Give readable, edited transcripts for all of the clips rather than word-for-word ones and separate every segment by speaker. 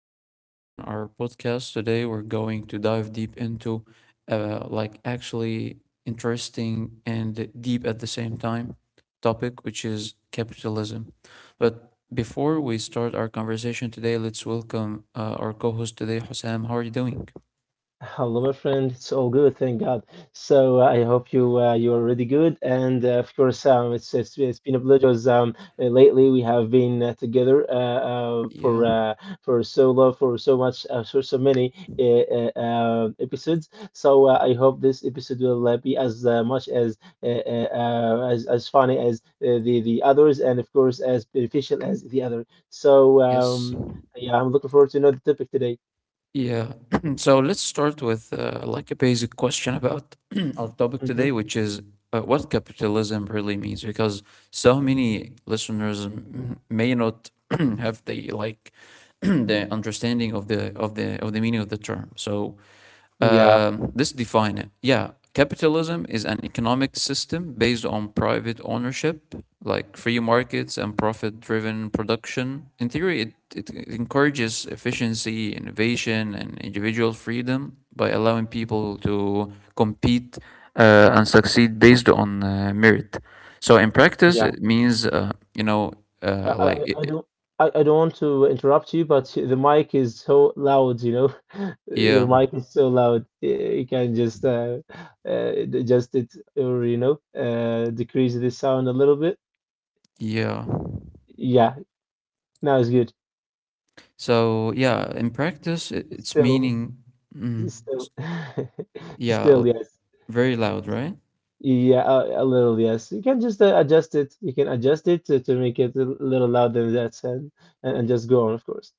Speaker 1: episode in our podcast. Today, we're going to dive deep into, actually interesting and deep at the same time topic, which is capitalism. But before we start our conversation today, let's welcome our co host today, Hussam. How are you doing?
Speaker 2: Hello, my friend. It's all good, thank God. So I hope you you're already good, and of course, it's been a pleasure. Lately we have been together
Speaker 1: Yeah,
Speaker 2: for so long, for so much, for so many episodes. So I hope this episode will be as much as as funny as the others, and of course as beneficial as the other. So
Speaker 1: yes.
Speaker 2: um, yeah, I'm looking forward to know the topic today.
Speaker 1: Yeah. So let's start with like a basic question about our topic
Speaker 2: hmm
Speaker 1: today, which is what capitalism really means, because so many listeners may not have the like the understanding of the meaning of the term. So
Speaker 2: Yeah.
Speaker 1: let's define it. Yeah, capitalism is an economic system based on private ownership, like free markets and profit driven production. In theory, it encourages efficiency, innovation, and individual freedom by allowing people to compete and succeed based on merit. So, in practice,
Speaker 2: Yeah.
Speaker 1: it means,
Speaker 2: I,
Speaker 1: uh, like,
Speaker 2: I, I
Speaker 1: it, it-
Speaker 2: don't I don't want to interrupt you, but the mic is so loud, you know. Your
Speaker 1: yeah,
Speaker 2: mic is so loud. You can just adjust it or, decrease the sound a little bit.
Speaker 1: yeah.
Speaker 2: Yeah, now it's good.
Speaker 1: So yeah, in practice, it's
Speaker 2: Still,
Speaker 1: meaning, mm, s-
Speaker 2: still,
Speaker 1: yeah,
Speaker 2: still,
Speaker 1: l-
Speaker 2: yes.
Speaker 1: very loud, right?
Speaker 2: Yeah, a little, yes. You can just adjust it. You can adjust it to make it a little louder than that, and, and just go on, of course.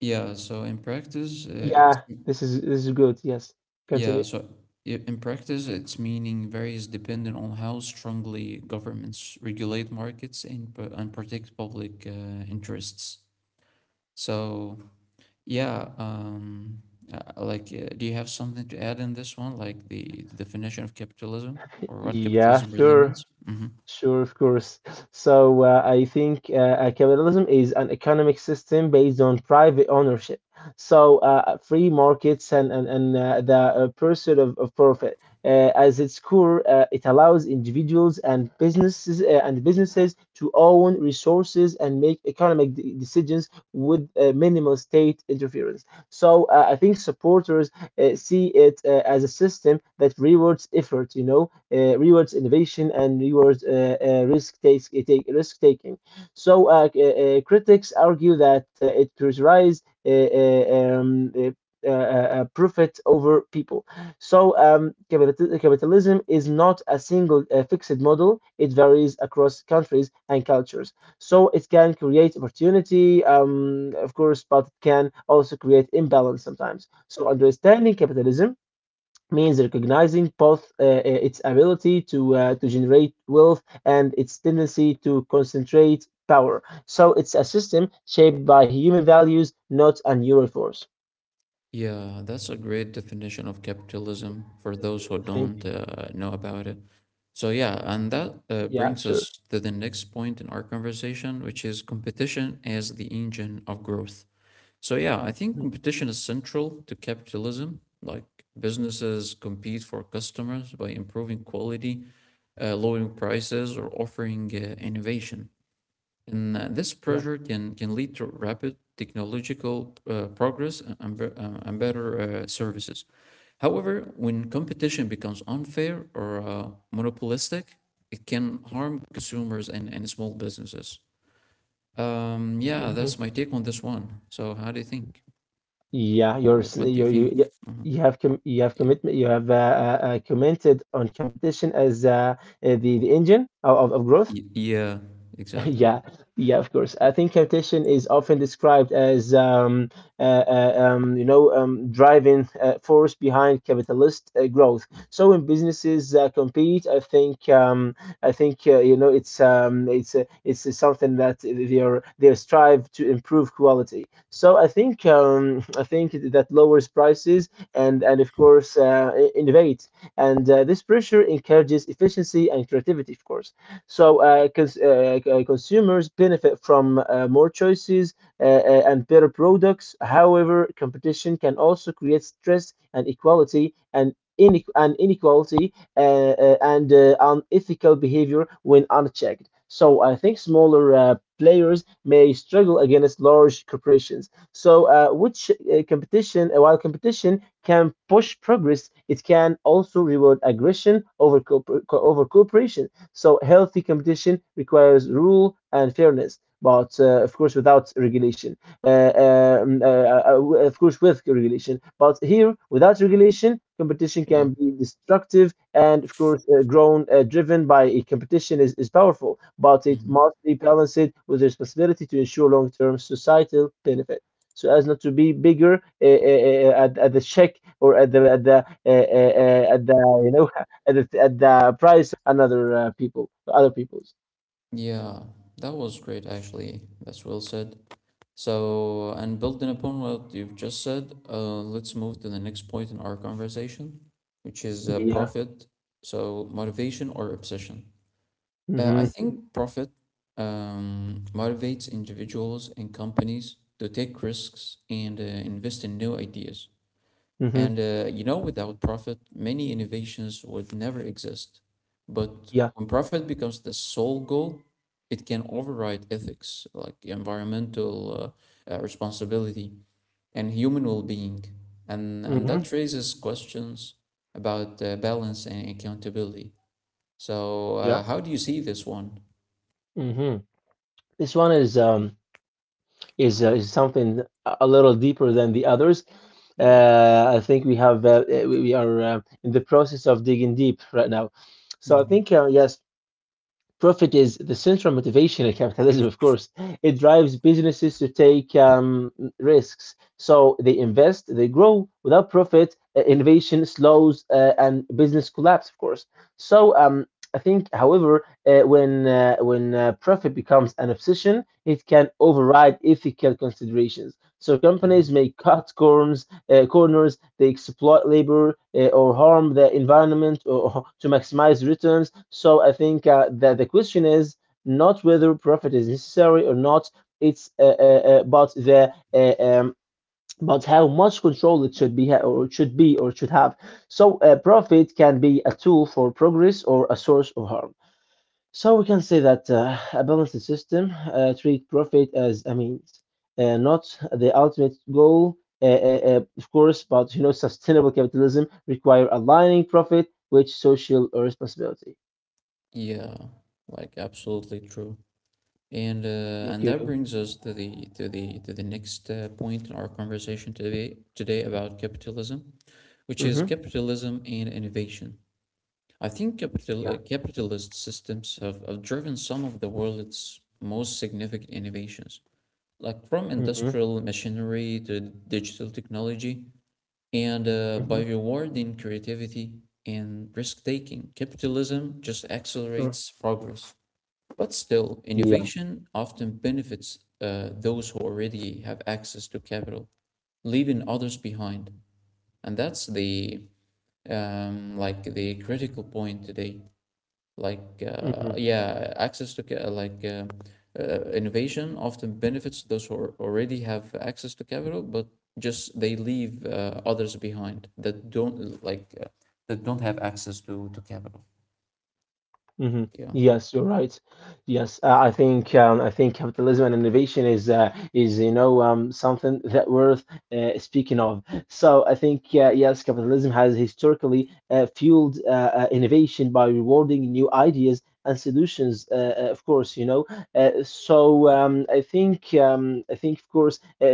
Speaker 1: Yeah. So in practice, it's
Speaker 2: Yeah, this is good. Yes,
Speaker 1: yeah.
Speaker 2: continue.
Speaker 1: So in practice, its meaning varies depending on how strongly governments regulate markets and and protect public interests. So yeah, do you have something to add in this one, like the definition of capitalism or what
Speaker 2: Yeah,
Speaker 1: capitalism really
Speaker 2: sure.
Speaker 1: means? Mm-hmm.
Speaker 2: Sure, of course. So I think capitalism is an economic system based on private ownership. So free markets and the pursuit of profit. As its core, it allows individuals and businesses to own resources and make economic decisions with minimal state interference. So I think supporters see it as a system that rewards effort, rewards innovation and rewards risk taking. So critics argue that it prioritizes profit over people. So capitalism is not a single fixed model. It varies across countries and cultures. So it can create opportunity, of course, but it can also create imbalance sometimes. So understanding capitalism means recognizing both its ability to generate wealth and its tendency to concentrate power. So it's a system shaped by human values, not a neural force.
Speaker 1: Yeah, that's a great definition of capitalism for those who
Speaker 2: Thank
Speaker 1: don't
Speaker 2: you.
Speaker 1: know about it. So, yeah, and that
Speaker 2: Yeah,
Speaker 1: brings
Speaker 2: sure.
Speaker 1: us to the next point in our conversation, which is competition as the engine of growth. So, yeah, I think
Speaker 2: Mhm.
Speaker 1: competition is central to capitalism. Like businesses compete for customers by improving quality, lowering prices, or offering innovation. And this
Speaker 2: Yeah.
Speaker 1: pressure can lead to rapid technological progress and, and better services. However, when competition becomes unfair or monopolistic, it can harm consumers and small businesses. Yeah,
Speaker 2: hmm
Speaker 1: that's my take on this one. So, how do you think?
Speaker 2: Yeah,
Speaker 1: Or what do you
Speaker 2: you you
Speaker 1: think?
Speaker 2: you
Speaker 1: Mhm.
Speaker 2: you have com you have
Speaker 1: Yeah.
Speaker 2: commitment. You have commented on competition as the engine of growth.
Speaker 1: Yeah, exactly.
Speaker 2: Yeah, yeah, of course. I think Cartesian is often described as, driving force behind capitalist growth. So when businesses compete, I think, it's something that they strive to improve quality. So I think that lowers prices and of course innovate. And this pressure encourages efficiency and creativity, of course. So, because consumers benefit from more choices and better products. However, competition can also create stress and equality and inequality and unethical behavior when unchecked. So I think smaller players may struggle against large corporations. While competition can push progress, it can also reward aggression over cooperation. So healthy competition requires rule and fairness, but of course without regulation. Uh, of course with regulation, but here without regulation, competition
Speaker 1: Yeah.
Speaker 2: can be destructive, and of course grown driven by a competition is powerful, but it
Speaker 1: Mhm.
Speaker 2: must be balanced with responsibility to ensure long-term societal benefit so as not to be bigger at the check or at the at the at the at at the price another people other people's.
Speaker 1: Yeah, that was great, actually. That's well said. So, and building upon what you've just said, let's move to the next point in our conversation, which is
Speaker 2: Yeah.
Speaker 1: profit. So, motivation or obsession. I
Speaker 2: Mm-hmm.
Speaker 1: think profit motivates individuals and companies to take risks and invest in new ideas.
Speaker 2: Mm-hmm.
Speaker 1: And without profit, many innovations would never exist. But
Speaker 2: Yeah.
Speaker 1: when profit becomes the sole goal, it can override ethics, like environmental responsibility and human well-being. And
Speaker 2: Mm-hmm.
Speaker 1: that raises questions about balance and accountability. So,
Speaker 2: Yeah.
Speaker 1: how do you see this one?
Speaker 2: hmm This one is is something a little deeper than the others.
Speaker 1: Yeah.
Speaker 2: I think we have we are in the process of digging deep right now. So I
Speaker 1: hmm
Speaker 2: think yes, profit is the central motivation in capitalism, of course. It drives businesses to take risks. So they invest, they grow. Without profit, innovation slows and business collapse, of course. So I think, however, when profit becomes an obsession, it can override ethical considerations. So
Speaker 1: hmm
Speaker 2: companies may cut corners. They exploit labor or harm the environment or, to maximize returns. So I think that the question is not whether profit is necessary or not. It's but the but how much control it should be or it should have. So profit can be a tool for progress or a source of harm. So we can say that a balanced system treat profit as a means, not the ultimate goal, of course. But you know, sustainable capitalism require aligning profit with social responsibility.
Speaker 1: Yeah, like absolutely true.
Speaker 2: Thank
Speaker 1: And that
Speaker 2: you.
Speaker 1: brings us to the next point in our conversation today about capitalism, which is
Speaker 2: Mm-hmm.
Speaker 1: capitalism and innovation. I think
Speaker 2: Yeah.
Speaker 1: capitalist systems have driven some of the world's most significant innovations, like from
Speaker 2: Mm-hmm.
Speaker 1: industrial machinery to digital technology. And by
Speaker 2: Mm-hmm.
Speaker 1: rewarding creativity and risk taking, capitalism just
Speaker 2: Sure.
Speaker 1: accelerates progress. But still,
Speaker 2: Yeah.
Speaker 1: innovation often benefits those who already have access to capital, leaving others behind. And that's the like the critical point today. Like
Speaker 2: Mm-hmm.
Speaker 1: yeah, access to ca- like Innovation often benefits those who already have access to capital, but just they leave others behind that don't like that don't have access to capital.
Speaker 2: hmm
Speaker 1: Yeah.
Speaker 2: Yes, you're right. Yes, I think capitalism and innovation is something that worth speaking of. So I think yes, capitalism has historically fueled innovation by rewarding new ideas and solutions. Of course, you know.
Speaker 1: Yeah.
Speaker 2: I think of course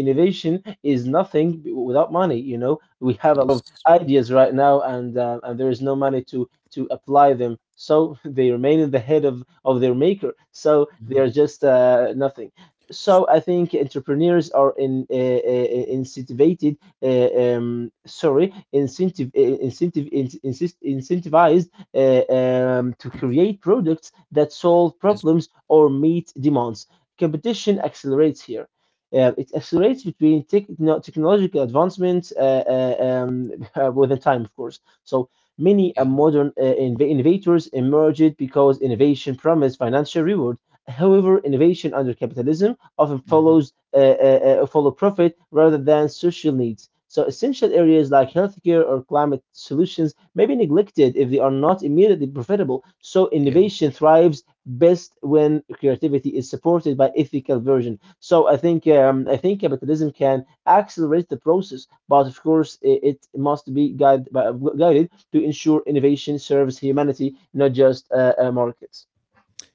Speaker 2: innovation is nothing without money. You know, we have a lot of
Speaker 1: Yes.
Speaker 2: ideas right now, and there is no money to apply them. So they remain in the head of their maker. So they are
Speaker 1: Mhm.
Speaker 2: just nothing. So I think entrepreneurs are in, incentivated, sorry, incentive, incentive, in, insist, incentivized to create products that solve
Speaker 1: Yes.
Speaker 2: problems or meet demands. Competition accelerates here. It accelerates between technological advancements within time, of course. So many
Speaker 1: Yeah.
Speaker 2: modern innovators emerged because innovation promised financial reward. However, innovation under capitalism often
Speaker 1: hmm
Speaker 2: follows follow profit rather than social needs. So, essential areas like healthcare or climate solutions may be neglected if they are not immediately profitable. So,
Speaker 1: Yeah,
Speaker 2: innovation thrives best when creativity is supported by ethical version. So, I think capitalism can accelerate the process, but of course, it must be guided by, guided to ensure innovation serves humanity, not just markets.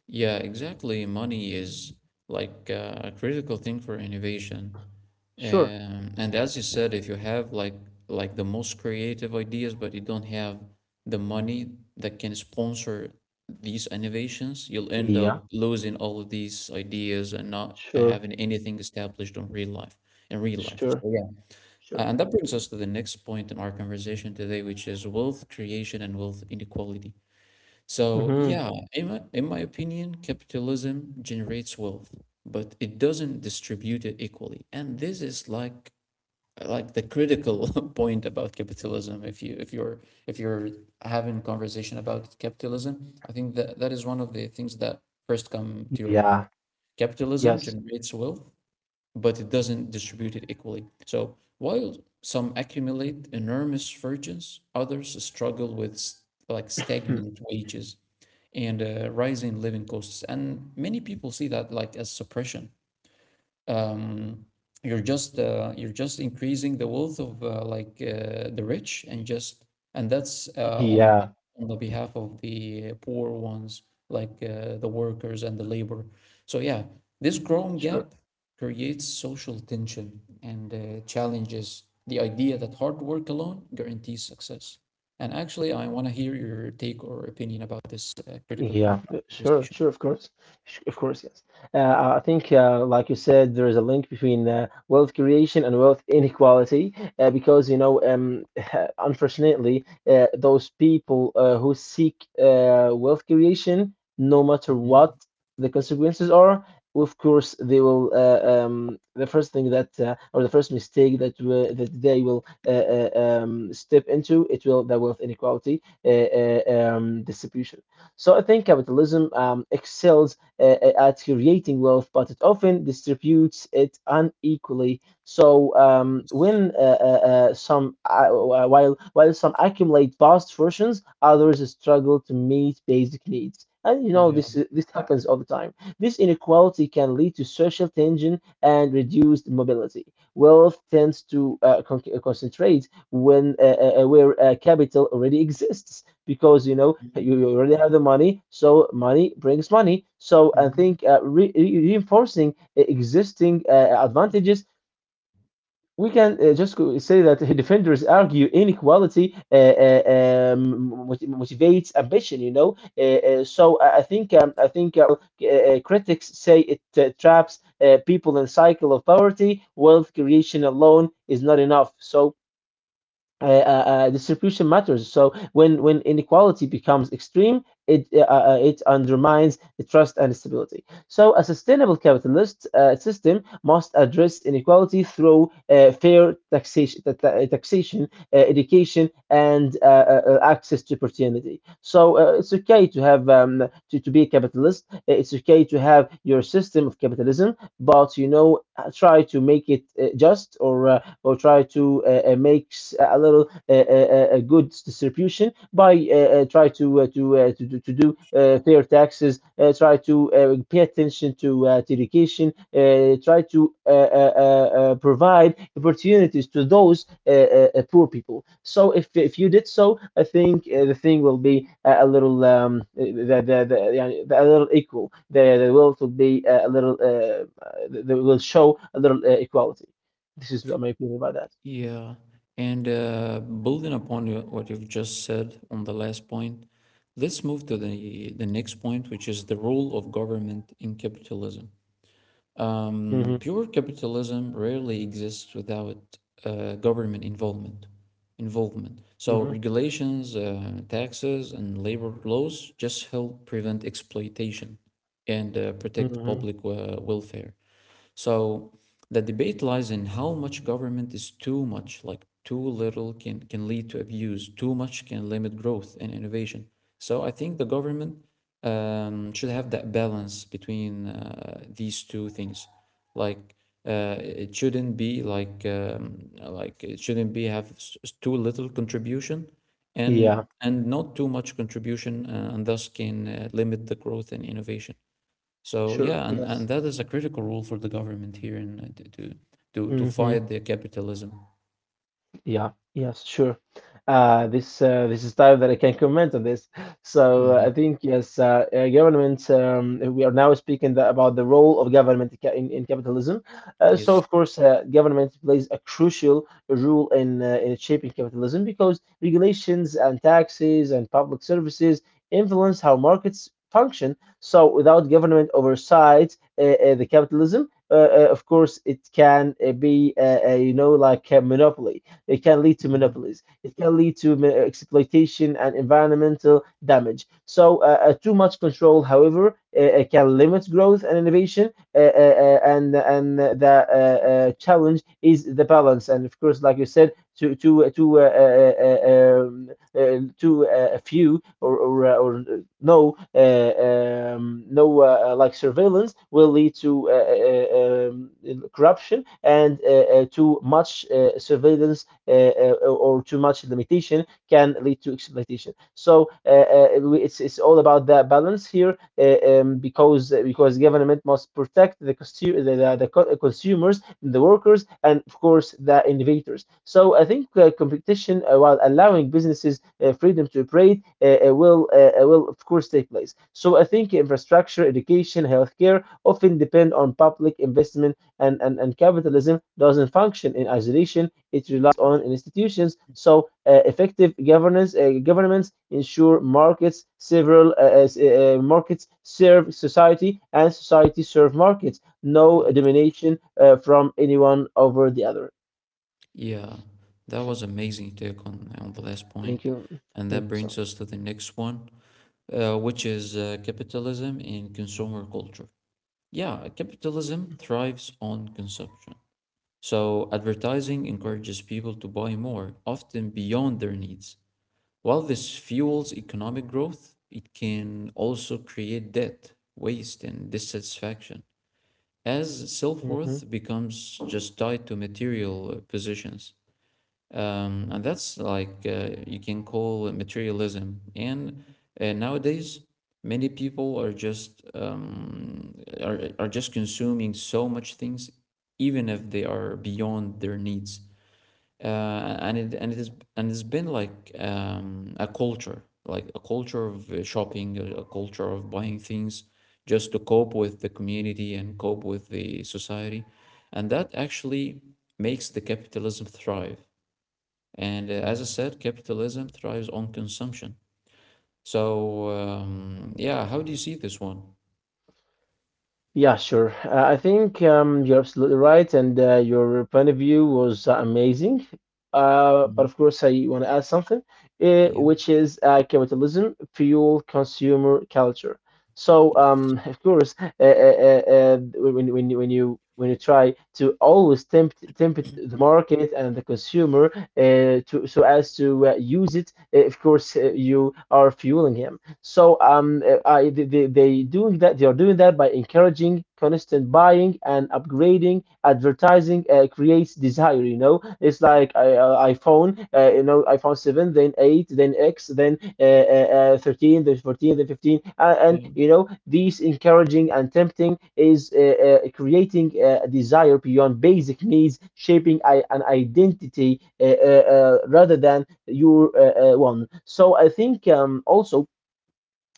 Speaker 1: yeah, exactly. Money is a critical thing for innovation.
Speaker 2: Sure,
Speaker 1: And as you said, if you have like the most creative ideas, but you don't have the money that can sponsor these innovations, you'll end
Speaker 2: yeah,
Speaker 1: up losing all of these ideas and not
Speaker 2: sure,
Speaker 1: having anything established on real life in real life.
Speaker 2: sure,
Speaker 1: So yeah,
Speaker 2: sure.
Speaker 1: And that brings us to the next point in our conversation today, which is wealth creation and wealth inequality. So,
Speaker 2: hmm
Speaker 1: yeah, in my opinion, capitalism generates wealth, but it doesn't distribute it equally. And this is like the critical point about capitalism. If you're having conversation about capitalism, I think that that is one of the things that first come to your
Speaker 2: Yeah.
Speaker 1: mind. Capitalism
Speaker 2: Yes,
Speaker 1: generates wealth, but it doesn't distribute it equally. So while some accumulate enormous fortunes, others struggle with like stagnant wages and rising living costs. And many people see that like as suppression. um, you're just increasing the wealth of the rich, and just and that's
Speaker 2: Yeah.
Speaker 1: on the behalf of the poor ones, the workers and the labor. So yeah, this growing
Speaker 2: Sure.
Speaker 1: gap creates social tension and challenges the idea that hard work alone guarantees success. And actually, I want to hear your take or opinion about this critical
Speaker 2: Yeah,
Speaker 1: point in our conversation.
Speaker 2: of course. Of course, yes. I think, like you said, there is a link between wealth creation and wealth inequality, because you know, unfortunately, those people who seek wealth creation, no matter what
Speaker 1: Mhm.
Speaker 2: the consequences are, of course, they will. The first thing that, or the first mistake that w that they will step into, it will the wealth inequality distribution. So I think capitalism excels at creating wealth, but it often distributes it unequally. So
Speaker 1: Yes.
Speaker 2: when some while some accumulate vast fortunes, others struggle to meet basic needs. And you know
Speaker 1: Yeah.
Speaker 2: this happens all the time. This inequality can lead to social tension and reduced mobility. Wealth tends to concentrate when where capital already exists because you know
Speaker 1: Mhm.
Speaker 2: you already have the money, so money brings money. So I
Speaker 1: Mhm.
Speaker 2: think reinforcing existing advantages, we can say that defenders argue inequality motivates ambition. I think critics say it traps people in cycle of poverty. Wealth creation alone is not enough. So distribution matters. So when inequality becomes extreme, it it undermines the trust and stability. So a sustainable capitalist system must address inequality through fair taxation, education, and access to opportunity. So it's okay to have to be a capitalist. It's okay to have your system of capitalism, but try to make it just or try to make a good distribution by try to to do fair taxes. Try to pay attention to education. Try to provide opportunities to those poor people. So if you did so, I think the thing will be a little. Yeah, a little equal. The wealth will be a little. They will show a little equality. This is what my opinion about that.
Speaker 1: Yeah, and building upon what you've just said on the last point, let's move to the next point, which is the role of government in capitalism. Um,
Speaker 2: Hmm.
Speaker 1: Pure capitalism rarely exists without government involvement. Involvement. So
Speaker 2: Hmm.
Speaker 1: regulations, taxes, and labor laws just help prevent exploitation and protect
Speaker 2: Hmm.
Speaker 1: public welfare. So the debate lies in how much government is too much, like too little can lead to abuse, too much can limit growth and innovation. So I think the government should have that balance between these two things. Like it shouldn't be like it shouldn't be have too little contribution and
Speaker 2: Yeah,
Speaker 1: and not too much contribution and thus can limit the growth and innovation. So
Speaker 2: sure.
Speaker 1: yeah,
Speaker 2: Yes.
Speaker 1: and that is a critical role for the government here and to
Speaker 2: Hmm.
Speaker 1: fight the capitalism.
Speaker 2: Yeah, yes, sure. This is time that I can comment on this. So I
Speaker 1: hmm
Speaker 2: think yes, government. We are now speaking about the role of government in capitalism. So
Speaker 1: Yes.
Speaker 2: of course, government plays a crucial role in shaping capitalism, because regulations and taxes and public services influence how markets function. So without government oversight, the capitalism, of course, it can be like a monopoly. It can lead to
Speaker 1: hmm
Speaker 2: monopolies. It can lead to exploitation and environmental damage. So, too much control, however, can limit growth and innovation. And the challenge is the balance. And of course, like you said, too to a few or no no like surveillance will lead to corruption, and to much surveillance or too much limitation can lead to exploitation. So it's all about that balance here, because government must protect the consumers, the workers, and of course the innovators. So I think competition, while allowing businesses freedom to operate, will of course take place. So I think infrastructure, education, healthcare often depend on public investment, and capitalism doesn't function in isolation. It relies on institutions. So effective governance, governments ensure markets serve society and society serve markets. No
Speaker 1: Yes.
Speaker 2: domination from anyone over the other.
Speaker 1: Yeah, that was amazing take on the last
Speaker 2: Thank
Speaker 1: point,
Speaker 2: you.
Speaker 1: and
Speaker 2: Thank
Speaker 1: that
Speaker 2: you so
Speaker 1: brings
Speaker 2: much.
Speaker 1: us to the next one, which is capitalism and consumer culture. Yeah, capitalism thrives on consumption. So advertising encourages people to buy more, often beyond their needs. While this fuels economic growth, it can also create debt, waste, and dissatisfaction, as self
Speaker 2: Mm-hmm.
Speaker 1: worth becomes just tied to material positions. And that's you can call it materialism. And nowadays, many people are just are just consuming so much things, even if they are beyond their needs, and it is and it's been like a culture, like a culture of shopping, a culture of buying things just to cope with the community and cope with the society, and that actually makes the capitalism thrive. And as I said, capitalism thrives on consumption. So yeah, how do you see this one?
Speaker 2: Yeah, sure. I think you're absolutely right, and your point of view was amazing. But of
Speaker 1: Mhm.
Speaker 2: course, I want to add something,
Speaker 1: Yeah.
Speaker 2: which is capitalism fuel consumer culture. So,
Speaker 1: Yes.
Speaker 2: um, of course, when you try to always tempt the market and the consumer to so as to use it, of course, you are fueling him. So I, they doing that. They are doing that by encouraging constant buying and upgrading. Advertising creates desire. You know, it's like iPhone. You know, iPhone 7, then 8, then X, then 13, then 14, then 15, and
Speaker 1: Yeah.
Speaker 2: you know, these encouraging and tempting is creating a desire beyond basic needs, shaping an identity rather than your one. So I think also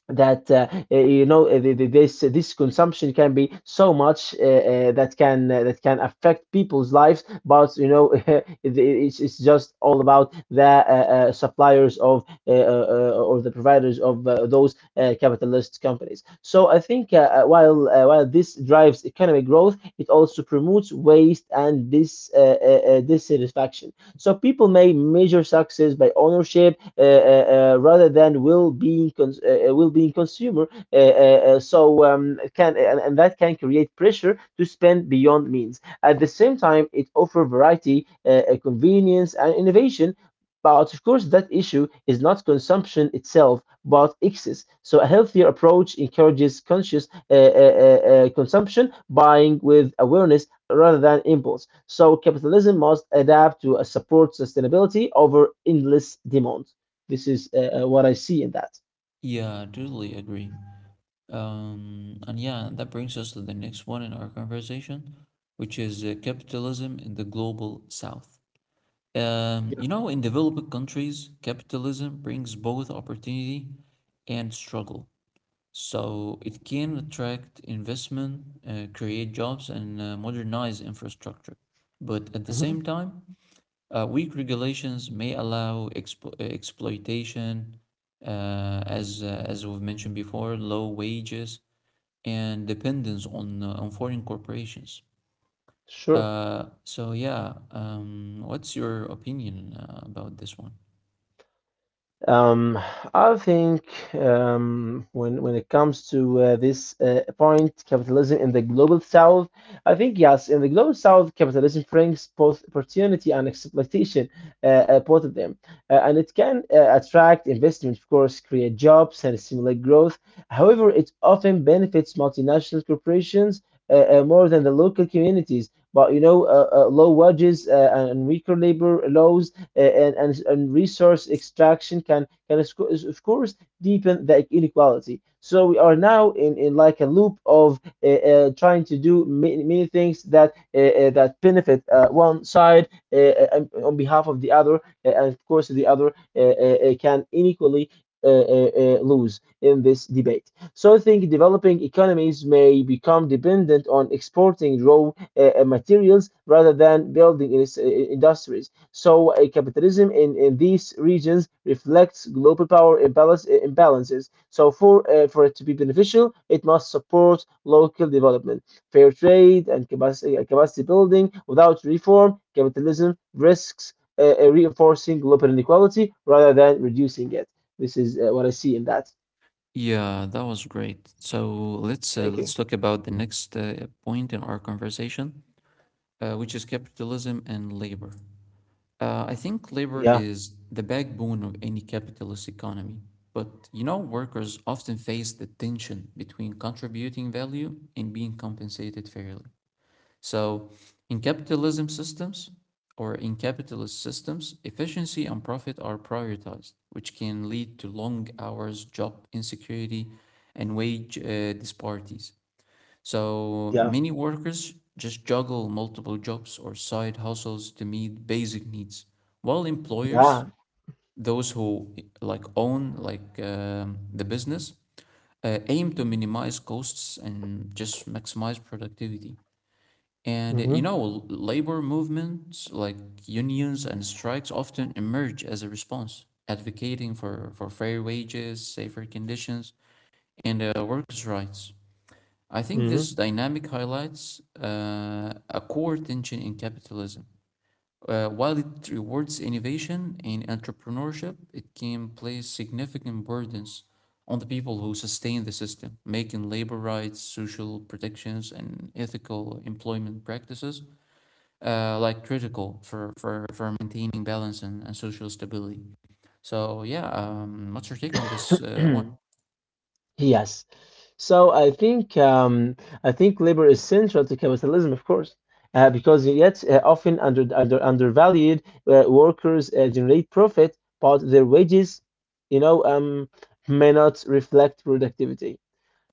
Speaker 2: that you know this consumption can be so much that can affect people's lives, but you know it's just all about the suppliers of, or the providers of those capitalist companies. So I think, while this drives economic growth, it also promotes waste and this dissatisfaction. So people may measure success by ownership rather than will being consumer. And that can create pressure to spend beyond means. At the same time, it offers variety, convenience, and innovation. But of course, that issue is not consumption itself, but excess. So, a healthier approach encourages conscious consumption, buying with awareness rather than impulse. So, capitalism must adapt to support sustainability over endless demand. This is what I see in that.
Speaker 1: Yeah, I totally agree. And yeah, that brings us to the next one in our conversation, which is capitalism in the global south.
Speaker 2: Yeah.
Speaker 1: You know, in developing countries, capitalism brings both opportunity and struggle. So it can attract investment, create jobs, and modernize infrastructure. But at the same
Speaker 2: Mhm.
Speaker 1: time, weak regulations may allow exploitation, as we've mentioned before, low wages and dependence on foreign corporations.
Speaker 2: Sure.
Speaker 1: So yeah, what's your opinion about this one?
Speaker 2: Um, I think, when it comes to this point, capitalism in the global south, I think yes, in the global south, capitalism brings both opportunity and exploitation, both of them, and it can attract investment, of course, create jobs and stimulate growth. However, it often benefits multinational corporations more than the local communities. But you know, low wages and weaker labor laws and resource extraction can of course deepen the inequality. So we are now in like a loop of trying to do many, many things that benefit one side, on behalf of the other, and of course the other, can inequally lose in this debate. So I think developing economies may become dependent on exporting raw materials rather than building industries. So, a capitalism in these regions reflects global power imbalances. So, for it to be beneficial, it must support local development, fair trade, and capacity building. Without reform, capitalism risks reinforcing global inequality rather than reducing it. This is what I see in that.
Speaker 1: Yeah, that was great. So
Speaker 2: Thank
Speaker 1: let's
Speaker 2: you.
Speaker 1: talk about the next point in our conversation, which is capitalism and labor. I think labor
Speaker 2: Yeah,
Speaker 1: is the backbone of any capitalist economy, but you know, workers often face the tension between contributing value and being compensated fairly. So, in capitalism systems or in capitalist systems, efficiency and profit are prioritized, which can lead to long hours, job insecurity, and wage disparities. So,
Speaker 2: yeah,
Speaker 1: many workers just juggle multiple jobs or side hustles to meet basic needs, while employers,
Speaker 2: yeah.
Speaker 1: those who like own like the business, aim to minimize costs and just maximize productivity. And
Speaker 2: Hmm.
Speaker 1: labor movements like unions and strikes often emerge as a response, advocating for fair wages, safer conditions, and workers' rights. I think
Speaker 2: Hmm.
Speaker 1: this dynamic highlights a core tension in capitalism. While it rewards innovation and entrepreneurship, it can place significant burdens on the people who sustain the system, making labor rights, social protections, and ethical employment practices like critical for, for maintaining balance and social stability. So yeah, what's your take on this one?
Speaker 2: Yes. So I think labor is central to capitalism, of course, because yet often undervalued workers generate profit, but their wages, you know, may not reflect productivity.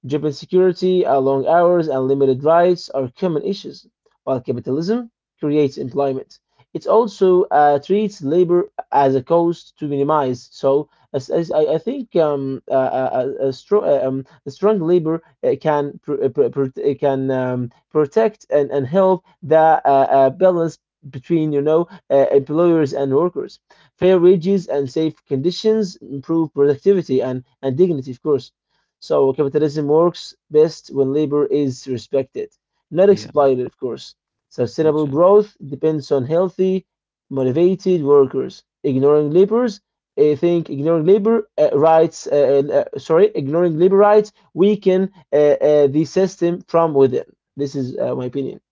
Speaker 2: Job insecurity, long hours, and limited rights are common issues, while capitalism creates employment. It also treats labor as a cost to minimize. So, as I think a strong labor can protect and help the balance between, you know, employers and workers. Fair wages and safe conditions improve productivity and dignity, of course. So capitalism works best when labor is respected, not
Speaker 1: Yeah,
Speaker 2: exploited, of course. Sustainable
Speaker 1: exactly.
Speaker 2: growth depends on healthy, motivated workers. I think ignoring labor ignoring labor rights weaken, the system from within. This is my opinion.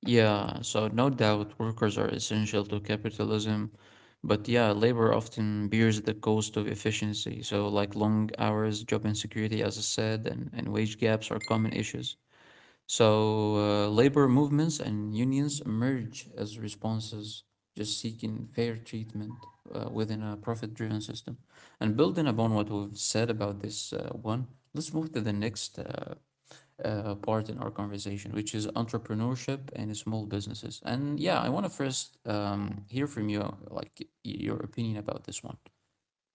Speaker 1: Yeah, so no doubt workers are essential to capitalism, but yeah, labor often bears the cost of efficiency. So like long hours, job insecurity, as I said, and wage gaps are common issues. So, labor movements and unions emerge as responses, just seeking fair treatment within a profit driven system. And building upon what we've said about this one, let's move to the next part in our conversation, which is entrepreneurship and small businesses. And yeah, I want to first hear from you, like your opinion about this one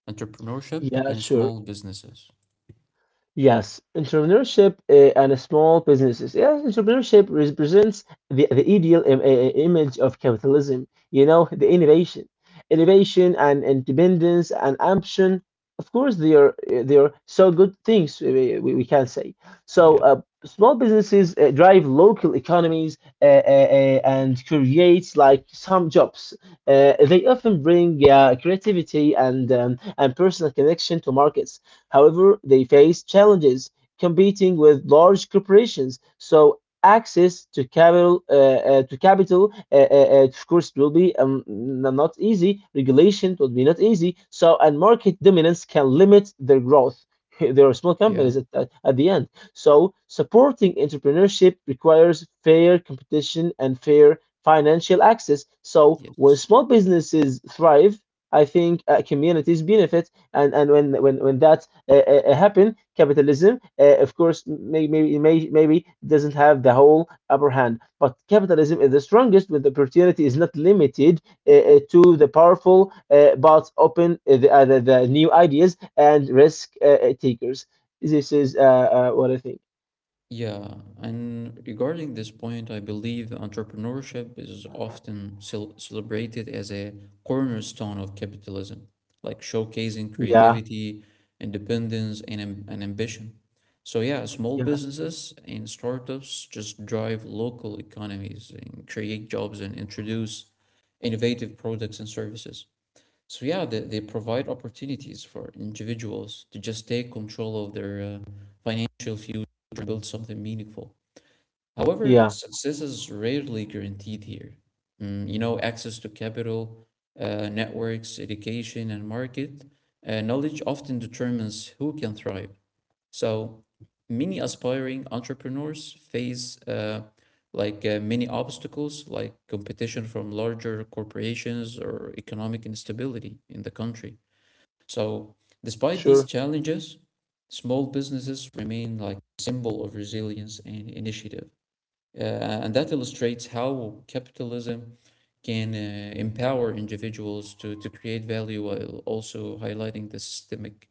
Speaker 1: entrepreneurship
Speaker 2: Yeah,
Speaker 1: in
Speaker 2: sure.
Speaker 1: small businesses.
Speaker 2: Yes, entrepreneurship and small businesses. Yes, entrepreneurship represents the ideal image of capitalism, you know, the innovation. Innovation and independence and ambition, of course, they are so good things, we can say. So,
Speaker 1: Yeah,
Speaker 2: small businesses drive local economies, and creates like some jobs. They often bring creativity and personal connection to markets. However, they face challenges competing with large corporations, so access to capital of course will be, not easy. Regulation will be not easy, so and market dominance can limit their growth. There are small
Speaker 1: yeah,
Speaker 2: companies at the end. So supporting entrepreneurship requires fair competition and fair financial access. So when
Speaker 1: yes.
Speaker 2: small businesses thrive, I think communities benefit. And when that happen, capitalism, of course, maybe doesn't have the whole upper hand. But capitalism is the strongest when the opportunity is not limited to the powerful, but open the new ideas and risk takers. This is what I think.
Speaker 1: Yeah, and regarding this point, I believe entrepreneurship is often celebrated as a cornerstone of capitalism, like showcasing
Speaker 2: Yeah,
Speaker 1: creativity, independence, and ambition. So, yeah, small
Speaker 2: yeah,
Speaker 1: businesses and startups just drive local economies and create jobs and introduce innovative products and services. So yeah, they provide opportunities for individuals to just take control of their financial future and build something meaningful. However,
Speaker 2: yeah.
Speaker 1: success is rarely guaranteed here. Mm, you know, access to capital, networks, education, and market knowledge often determines who can thrive. So many aspiring entrepreneurs face like many obstacles like competition from larger corporations or economic instability in the country. So despite
Speaker 2: Sure,
Speaker 1: these challenges, small businesses remain like a symbol of resilience and initiative. Uh, and that illustrates how capitalism can empower individuals to create value while also highlighting the systemic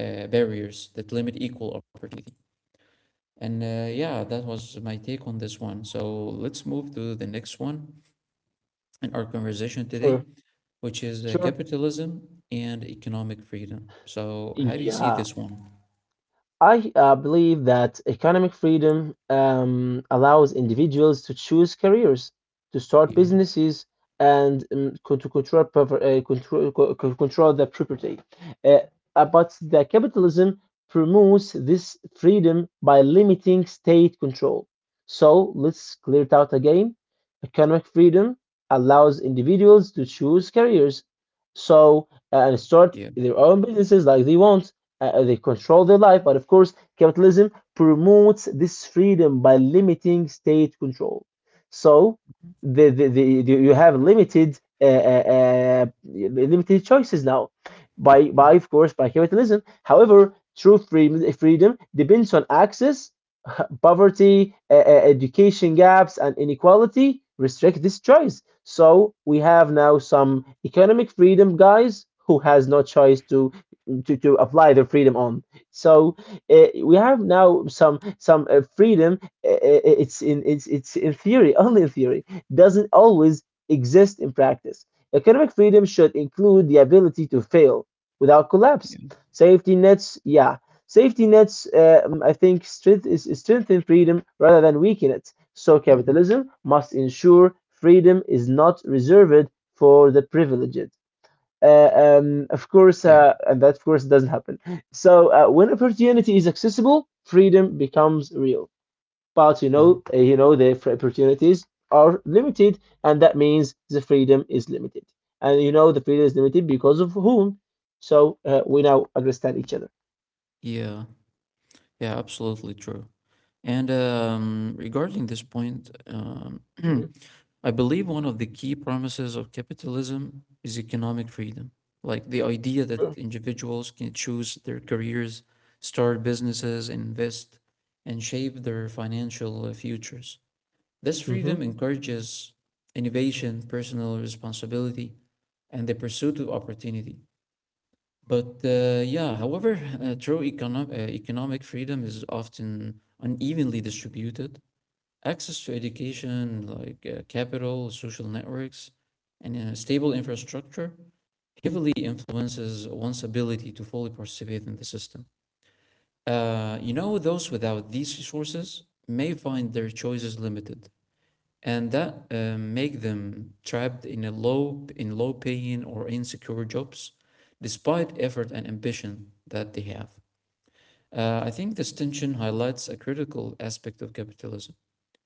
Speaker 1: barriers that limit equal opportunity. And yeah, that was my take on this one. So let's move to the next one in our conversation today,
Speaker 2: sure,
Speaker 1: which is
Speaker 2: sure.
Speaker 1: capitalism and economic freedom. So, how do you see
Speaker 2: Yeah,
Speaker 1: this one?
Speaker 2: I believe that economic freedom allows individuals to choose careers, to start
Speaker 1: Yeah,
Speaker 2: businesses, and to control, proper- control, co- co- control the property. Uh, but the capitalism promotes this freedom by limiting state control. So let's clear it out again. Economic freedom allows individuals to choose careers, and start
Speaker 1: yeah,
Speaker 2: their own businesses like they want. They control their life. But of course, capitalism promotes this freedom by limiting state control. So the you have limited choices now, by
Speaker 1: yeah,
Speaker 2: by of course, by capitalism. However, true freedom depends on access. Poverty, education gaps, and inequality restrict this choice. So we have now some economic freedom guys who has no choice to apply their freedom on. So we have now some freedom. It's in theory, only in theory, doesn't always exist in practice. Economic freedom should include the ability to fail without collapse.
Speaker 1: yeah,
Speaker 2: Safety nets, yeah. Safety nets, I think, strength is strengthen freedom rather than weaken it. So
Speaker 1: mhm,
Speaker 2: capitalism must ensure freedom is not reserved for the privileged. Of course,
Speaker 1: yeah,
Speaker 2: and that of course doesn't happen. So when opportunity is accessible, freedom becomes real. But you
Speaker 1: mhm.
Speaker 2: know, the opportunities are limited, and that means the freedom is limited. And you know, the freedom is limited because of whom? So we now understand each other.
Speaker 1: yeah. Yeah, absolutely true. And regarding this point,
Speaker 2: Mhm.
Speaker 1: I believe one of the key promises of capitalism is economic freedom, like the idea
Speaker 2: Sure.
Speaker 1: that individuals can choose their careers, start businesses, invest, and shape their financial futures. This
Speaker 2: Hmm.
Speaker 1: freedom encourages innovation, personal responsibility, and the pursuit of opportunity. But yeah, however, uh, economic freedom is often unevenly distributed. Access to education, like capital, social networks, and stable infrastructure heavily influences one's ability to fully participate in the system. You know, those without these resources may find their choices limited, and that make them trapped in a low in low paying or insecure jobs despite effort and ambition that they have. I think this tension highlights a critical aspect of capitalism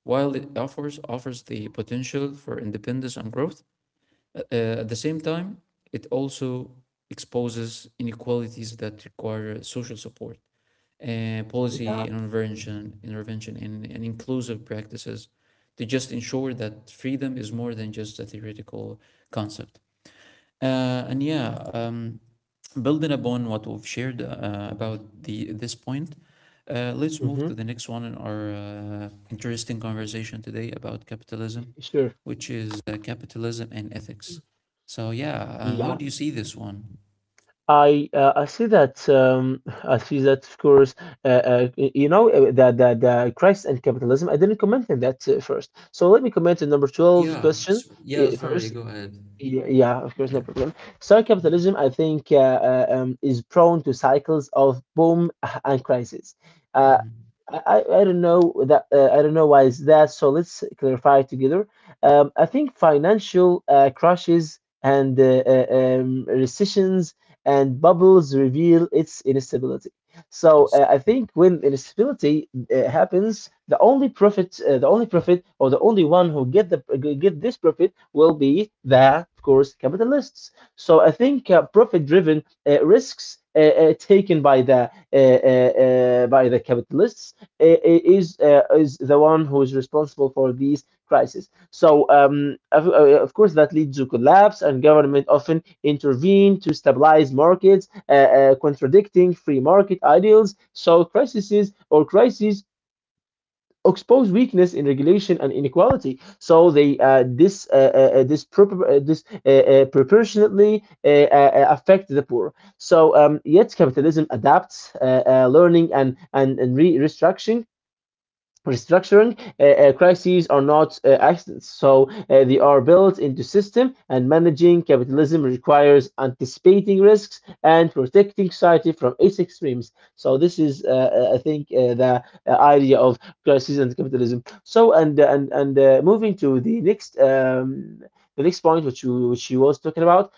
Speaker 1: while it offers the potential for independence and growth at the same time it also exposes inequalities that require social support
Speaker 2: Yeah.
Speaker 1: policy and intervention and inclusive practices to just ensure that freedom is more than just a theoretical concept. Uh, and yeah, um, Building upon what we've shared about the this point, let's move to
Speaker 2: Hmm.
Speaker 1: the next one in our interesting conversation today about capitalism,
Speaker 2: Sure.
Speaker 1: which is capitalism and ethics. So yeah, how
Speaker 2: Yeah.
Speaker 1: do you see this one?
Speaker 2: I see that I see that of course the the crisis and capitalism. I didn't comment on that first, so let me comment on number 12 question
Speaker 1: Yeah, sorry,
Speaker 2: first.
Speaker 1: go ahead.
Speaker 2: Yeah, yeah, of course, no
Speaker 1: Yeah.
Speaker 2: problem. So capitalism, I think, is prone to cycles of boom and crisis. Uh,
Speaker 1: Mhm.
Speaker 2: I don't know that I don't know why is that. So let's clarify together. I think financial crashes and recessions and bubbles reveal its instability. So
Speaker 1: Yes.
Speaker 2: I think when irresponsibility happens, the only profit, or the only one who get the get this profit will be, the, of course, capitalists. So I think profit-driven risks taken by the capitalists is the one who is responsible for these crises. So, of course, that leads to collapse, and government often intervene to stabilize markets, contradicting free market ideals. So, crises expose weakness in regulation and inequality. So, they this dispropor- dis, proportionately affect the poor. So, yet capitalism adapts, learning and restructuring. Crises are not accidents, so they are built into system. And managing capitalism requires anticipating risks and protecting society from its extremes. So this is, I think, the idea of crises and capitalism. So and moving to the next point, which you was talking about,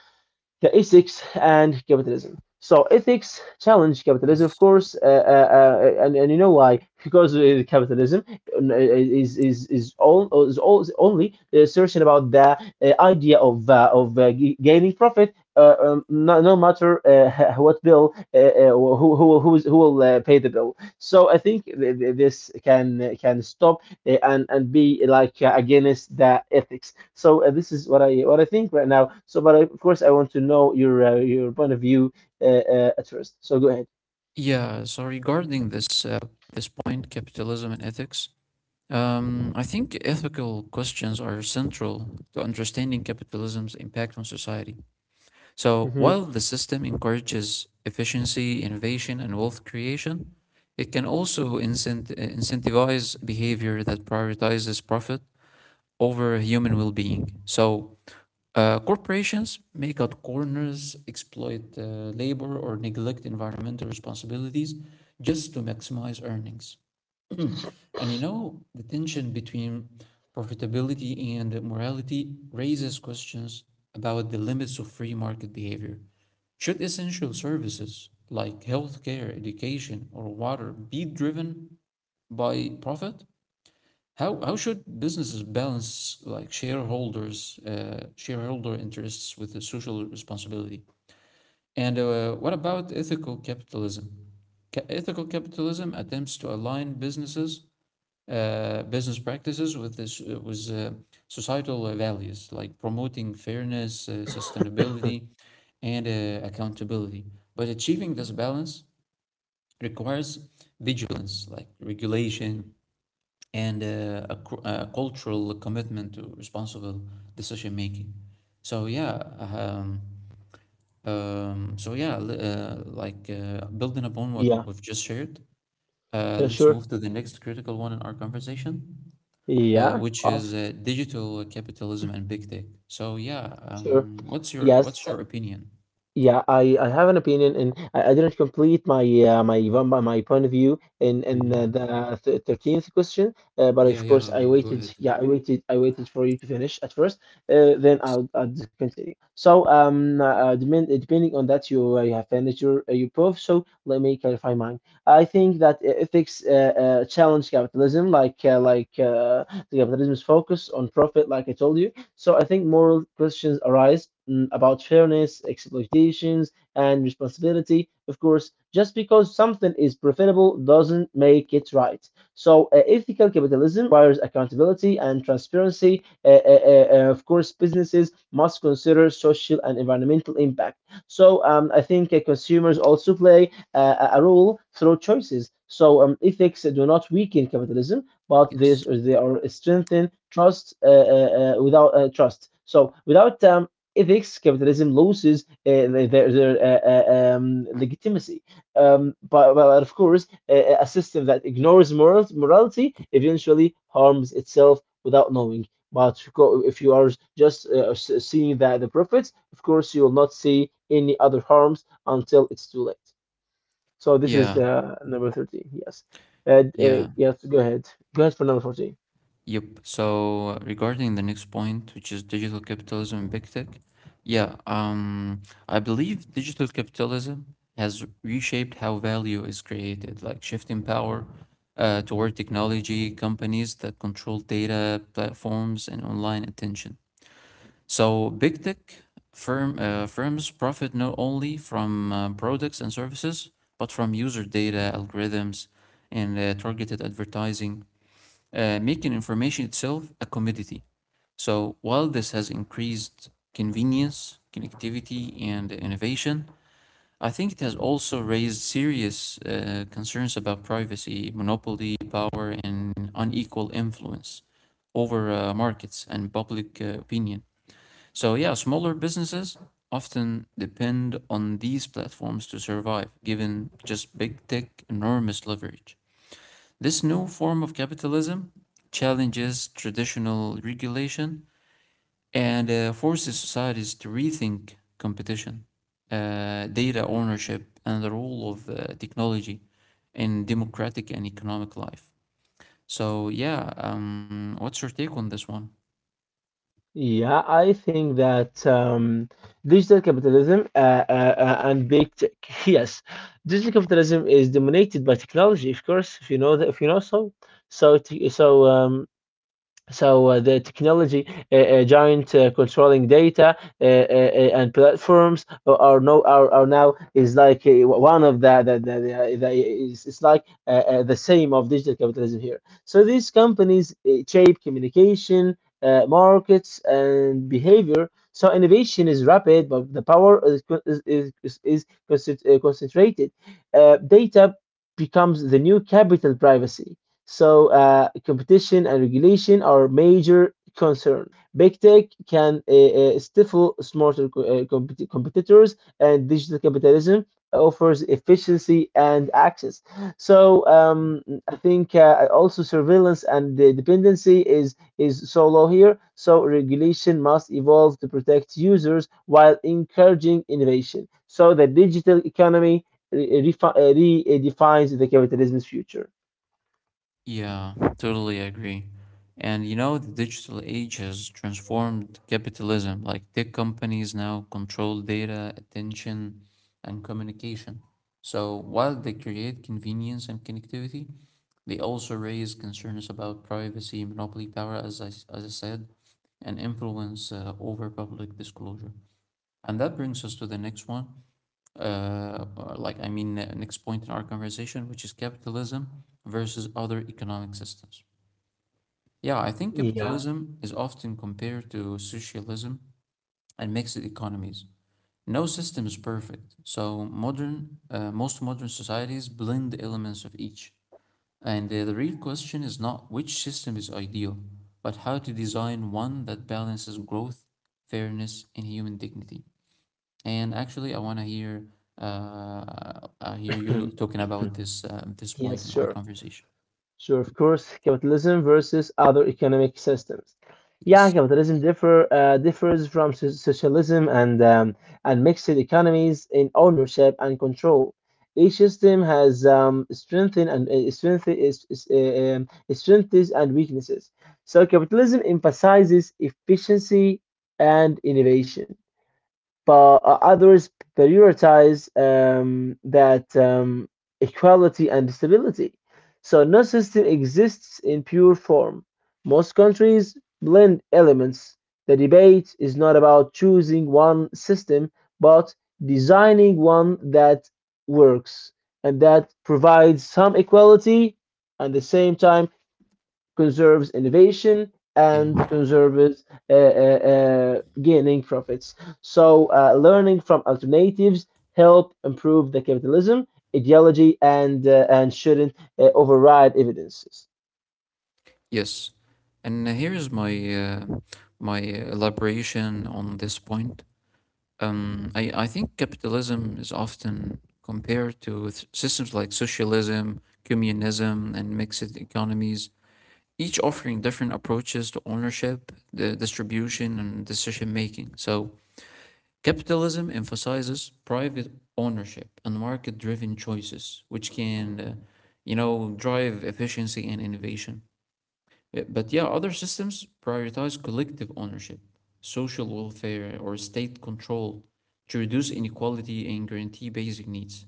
Speaker 2: the ethics and capitalism. So ethics challenge capitalism, of
Speaker 1: Yes.
Speaker 2: course, and you know why? Because capitalism is all is all is only the assertion about the idea of g- gaining profit. No, no matter what bill, who will pay the bill. So I think this can stop eh, and be like against the ethics. So this is what I think right now. So, but I, of course, I want to know your point of view at first. So go ahead.
Speaker 1: Yeah. So regarding this this point, capitalism and ethics, I think ethical questions are central to understanding capitalism's impact on society. So
Speaker 2: Hmm.
Speaker 1: while the system encourages efficiency, innovation, and wealth creation, it can also incentivize behavior that prioritizes profit over human well-being. So corporations make out corners, exploit labor, or neglect environmental responsibilities just to maximize earnings. And you know, the tension between profitability and morality raises questions about the limits of free market behavior. Should essential services like healthcare, education, or water be driven by profit? How should businesses balance like shareholder interests with the social responsibility? And what about ethical capitalism? Ethical capitalism attempts to align business practices with this with societal values like promoting fairness, sustainability, and accountability. But achieving this balance requires vigilance, like regulation, and a cultural commitment to responsible decision making. So yeah, so yeah, li- like Building upon what
Speaker 2: Yeah.
Speaker 1: we've just shared,
Speaker 2: Yeah.
Speaker 1: let's
Speaker 2: Sure.
Speaker 1: move to the next critical one in our conversation,
Speaker 2: Yeah.
Speaker 1: which
Speaker 2: Oh,
Speaker 1: is digital capitalism and big tech. So yeah,
Speaker 2: sure. Yes.
Speaker 1: what's your opinion?
Speaker 2: Yeah, I have an opinion, and I didn't complete my point of view in
Speaker 1: Mm-hmm.
Speaker 2: 13th question, but
Speaker 1: Yeah,
Speaker 2: of course
Speaker 1: yeah.
Speaker 2: I
Speaker 1: Go ahead.
Speaker 2: waited. Yeah, I waited. I waited for you to finish at first. Then
Speaker 1: Yes.
Speaker 2: I'll continue. So depending on that, you have finished your proof. So let me clarify mine. I think that ethics challenge capitalism, like the capitalism's focus on profit, like I told you. So I think moral questions arise mm, about fairness, expectations, and responsibility. Of course, just because something is profitable doesn't make it right. So ethical capitalism requires accountability and transparency. Of course, businesses must consider social and environmental impact. So I think consumers also play a role through choices. So ethics do not weaken capitalism but they
Speaker 1: yes.
Speaker 2: they are strengthened trust, without trust. So without ethics, capitalism loses their legitimacy. But of course, a system that ignores morality eventually harms itself without knowing. But if you are just seeing that the profits, of course, you will not see any other harms until it's too late. So this is
Speaker 1: Yeah.
Speaker 2: number 13. Yes.
Speaker 1: Yeah.
Speaker 2: Yes, go ahead. Go ahead for number 14.
Speaker 1: Yep. So regarding the next point, which is digital capitalism and big tech, yeah, I believe digital capitalism has reshaped how value is created, like shifting power toward technology companies that control data, platforms, and online attention. So big tech firms profit not only from products and services, but from user data, algorithms, and targeted advertising making information itself a commodity. So while this has increased convenience, connectivity, and innovation, I think it has also raised serious concerns about privacy, monopoly, power, and unequal influence over markets and public opinion. So, yeah, smaller businesses often depend on these platforms to survive, given just big tech enormous leverage. This new form of capitalism challenges traditional regulation and forces societies to rethink competition, data ownership, and the role of technology in democratic and economic life. So, yeah, what's your take on this one?
Speaker 2: Yeah, I think that digital capitalism and big tech. Yes, digital capitalism is dominated by technology, of course. If you know that, if you know so, so t- so um, the technology giant controlling data and platforms are no are, are now is like one of the it's like the same of digital capitalism here. So these companies shape communication, markets and behavior. So innovation is rapid but the power is concentrated. Data becomes the new capital privacy. So competition and regulation are major concern. Big tech can stifle smarter competitors, and digital capitalism offers efficiency and access. So I think also surveillance and the dependency is so low here. So regulation must evolve to protect users while encouraging innovation. So the digital economy redefines the capitalism's future.
Speaker 1: Yeah, totally agree. And you know, the digital age has transformed capitalism. Like tech companies now control data, attention, and communication. So while they create convenience and connectivity, they also raise concerns about privacy, monopoly power, as I said, and influence over public disclosure. And that brings us to the next one or, I mean, next point in our conversation, which is capitalism versus other economic systems. Yeah, I think
Speaker 2: Yeah.
Speaker 1: capitalism is often compared to socialism and mixed economies. No system is perfect, so most modern societies blend the elements of each. And the real question is not which system is ideal, but how to design one that balances growth, fairness, and human dignity. And actually, I want to hear I hear you talking about this this point
Speaker 2: Yes,
Speaker 1: in our
Speaker 2: sure.
Speaker 1: conversation.
Speaker 2: Sure, of course, capitalism versus other economic systems. Yeah,
Speaker 1: Yes.
Speaker 2: capitalism differs from so- socialism and mixed economies in ownership and control. Each system has strengthen and strength is, strengths and weaknesses. So capitalism emphasizes efficiency and innovation but others prioritize that equality and stability. So no system exists in pure form. Most countries blend elements. The debate is not about choosing one system, but designing one that works and that provides some equality and at the same time conserves innovation, and
Speaker 1: Yeah.
Speaker 2: conserves gaining profits. So, learning from alternatives help improve the capitalism ideology and shouldn't override evidences.
Speaker 1: Yes. And here is my my elaboration on this point. I think capitalism is often compared to systems like socialism, communism, and mixed economies, each offering different approaches to ownership, the distribution, and decision making. So capitalism emphasizes private ownership and market-driven choices, which can, you know, drive efficiency and innovation. But yeah, other systems prioritize collective ownership, social welfare, or state control to reduce inequality and guarantee basic needs.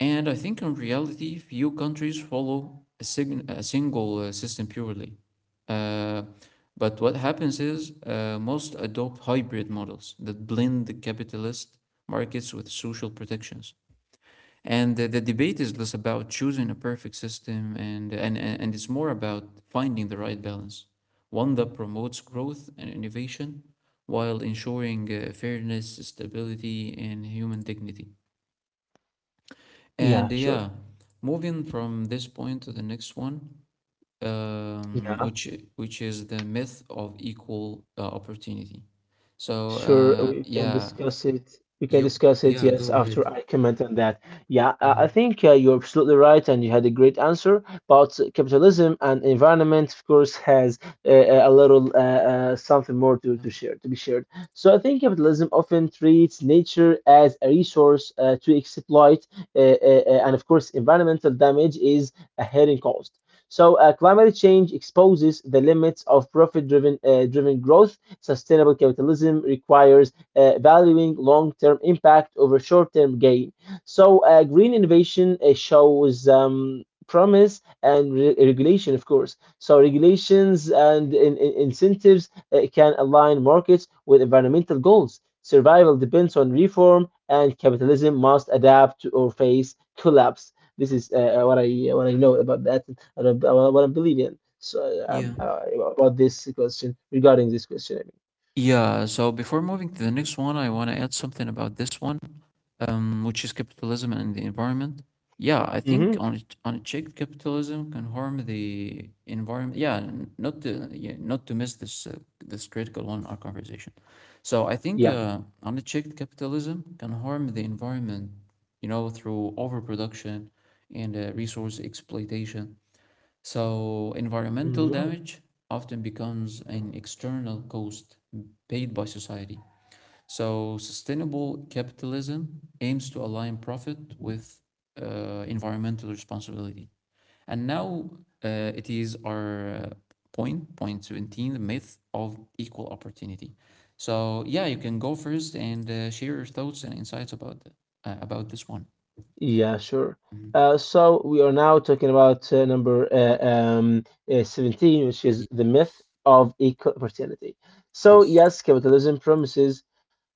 Speaker 1: And I think in reality, few countries follow a single system purely. Uh, but what happens is most adopt hybrid models that blend the capitalist markets with social protections. And the debate is less about choosing a perfect system and it's more about finding the right balance, one that promotes growth and innovation while ensuring fairness, stability, and human dignity.
Speaker 2: Yeah,
Speaker 1: And
Speaker 2: sure.
Speaker 1: yeah, moving from this point to the next one, um,
Speaker 2: Yeah,
Speaker 1: which which is the myth of equal opportunity. So
Speaker 2: sure, we can
Speaker 1: yeah,
Speaker 2: discuss it. We can
Speaker 1: yep,
Speaker 2: discuss it,
Speaker 1: yeah,
Speaker 2: yes,
Speaker 1: go
Speaker 2: after
Speaker 1: ahead.
Speaker 2: I comment on that. Yeah, I
Speaker 1: Mhm.
Speaker 2: think you're absolutely right, and you had a great answer. But capitalism and environment, of course, has uh, a little something more
Speaker 1: Yeah.
Speaker 2: to share, to be shared. So I think capitalism often treats nature as a resource to exploit, and of course, environmental damage is a hidden cost. So climate change exposes the limits of profit-driven driven growth. Sustainable capitalism requires valuing long term impact over short term gain. So, green innovation shows promise and regulation, of course. So, regulations and incentives can align markets with environmental goals. Survival depends on reform, and capitalism must adapt to or face collapse. This is what I know about that and what I believe in. So
Speaker 1: Yeah.
Speaker 2: um, uh, about this question, regarding this question.
Speaker 1: Yeah, so before moving to the next one, I want to add something about this one, which is capitalism and the environment. Yeah, I think
Speaker 2: Hmm.
Speaker 1: on unchecked capitalism can harm the environment. Yeah, not to yeah, not to miss this this critical one in our conversation. So I think
Speaker 2: Yeah.
Speaker 1: unchecked capitalism can harm the environment, you know, through overproduction and resource exploitation. So environmental
Speaker 2: Hmm.
Speaker 1: damage often becomes an external cost paid by society so sustainable capitalism aims to align profit with environmental responsibility. And now it is our point, point 17, the myth of equal opportunity. So yeah, you can go first and share your thoughts and insights about the, about this one.
Speaker 2: Yeah, sure.
Speaker 1: Mhm.
Speaker 2: So we are now talking about number 17, which is the myth of equal opportunity. So,
Speaker 1: Yes.
Speaker 2: yes, capitalism promises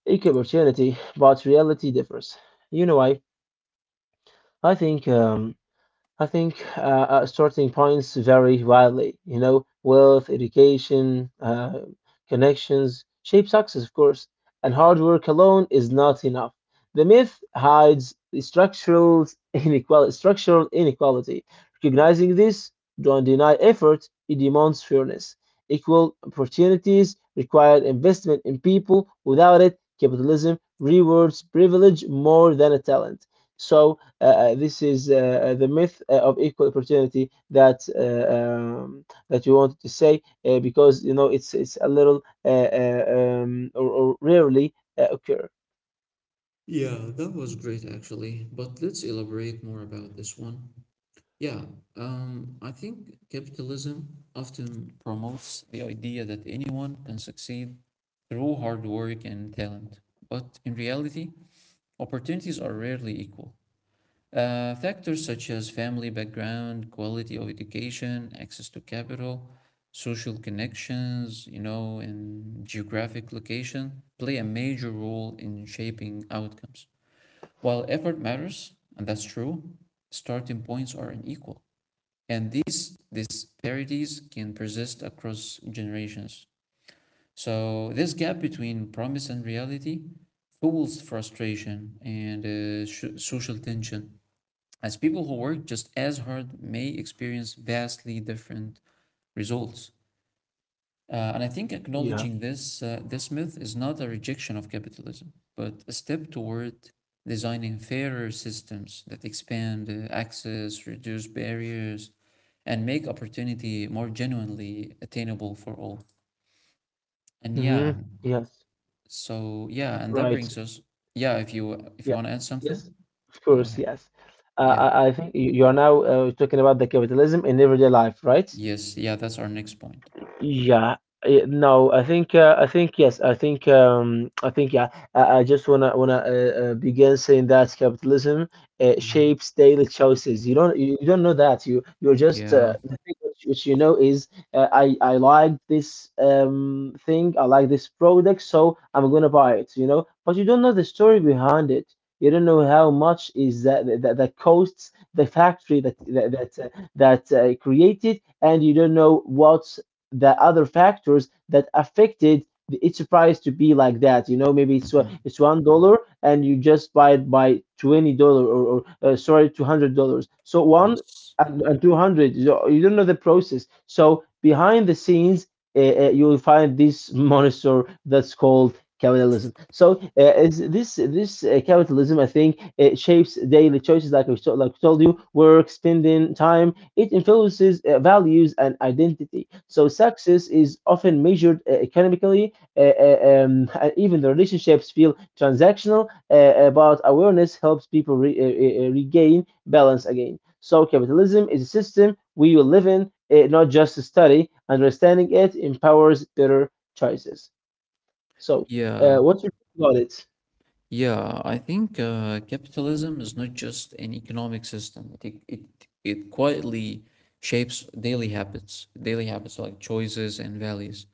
Speaker 2: equal opportunity, but reality differs. You know why? I think um, I think starting points vary widely. You know, wealth, education, connections shape success, of course, and hard work alone is not enough. The myth hides the structural inequality. Structural inequality. Recognizing this, don't deny effort. It demands fairness. Equal opportunities require investment in people. Without it, capitalism rewards privilege more than a talent. So this is the myth of equal opportunity that um, that we wanted to say, because you know it's a little or rarely occur.
Speaker 1: Yeah, that was great actually, but let's elaborate more about this one. Yeah, I think capitalism often promotes the idea that anyone can succeed through hard work and talent. But in reality, opportunities are rarely equal. Factors such as family background, quality of education, access to capital, social connections, you know, and geographic location play a major role in shaping outcomes. While effort matters, and that's true, starting points are unequal and these disparities can persist across generations. So this gap between promise and reality fuels frustration and social tension, as people who work just as hard may experience vastly different results. And I think
Speaker 2: Yeah.
Speaker 1: acknowledging this myth is not a rejection of capitalism, but a step toward designing fairer systems that expand access, reduce barriers, and make opportunity more genuinely attainable for all. And yeah,
Speaker 2: Mm-hmm. Yes.
Speaker 1: so yeah, and that
Speaker 2: Right.
Speaker 1: brings us, yeah, if
Speaker 2: Yeah.
Speaker 1: you want to add something,
Speaker 2: Yes. Of
Speaker 1: go
Speaker 2: course.
Speaker 1: ahead.
Speaker 2: Yes.
Speaker 1: Yeah.
Speaker 2: I think you are now talking about the capitalism in everyday life, right?
Speaker 1: Yes, yeah, that's our next point.
Speaker 2: Yeah. Eh, no, I think yes. I think yeah. I just wanna begin saying that capitalism
Speaker 1: Mhm.
Speaker 2: shapes daily choices. You don't you, you don't know that. You you're just
Speaker 1: Yeah.
Speaker 2: the thing which you know is I like this thing. I like this product, so I'm gonna buy it. You know, but you don't know the story behind it. You don't know how much is that costs the factory that created, and you don't know what the other factors that affected the, its price to be like that. You know, maybe
Speaker 1: mhm.
Speaker 2: it's $1 and you just buy it by $20 or sorry, $200. So one
Speaker 1: Yes.
Speaker 2: and 200. You don't know the process. So behind the scenes, you will find this monster that's called capitalism. So is this this capitalism, I think, it shapes daily choices, like I told you, work, spending time. It influences values and identity. So success is often measured economically, and even the relationships feel transactional. About awareness helps people regain balance again. So capitalism is a system we will live in, not just to study. Understanding it empowers better choices. So,
Speaker 1: Yeah.
Speaker 2: what's your take about it?
Speaker 1: Yeah, I think capitalism is not just an economic system. It quietly shapes daily habits like choices and values.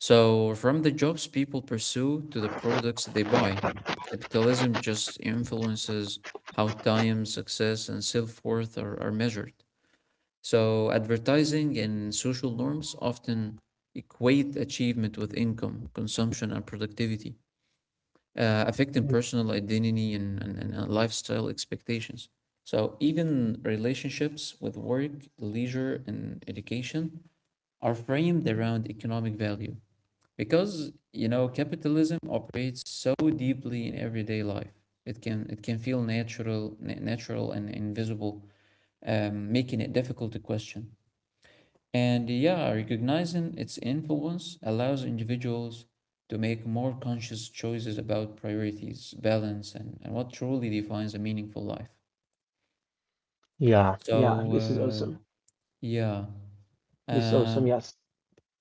Speaker 1: So from the jobs people pursue to the products they buy, capitalism just influences how time, success, and self-worth are measured. So advertising and social norms often equate achievement with income, consumption, and productivity, affecting personal identity and lifestyle expectations. So even relationships with work, leisure, and education are framed around economic value because capitalism operates so deeply in everyday life. It can feel natural, natural and invisible, making it difficult to question. And yeah, recognizing its influence allows individuals to make more conscious choices about priorities, balance, and what truly defines a meaningful life.
Speaker 2: Yeah, yeah,
Speaker 1: So,
Speaker 2: this is awesome.
Speaker 1: yeah.
Speaker 2: This is
Speaker 1: Uh,
Speaker 2: awesome. Yes.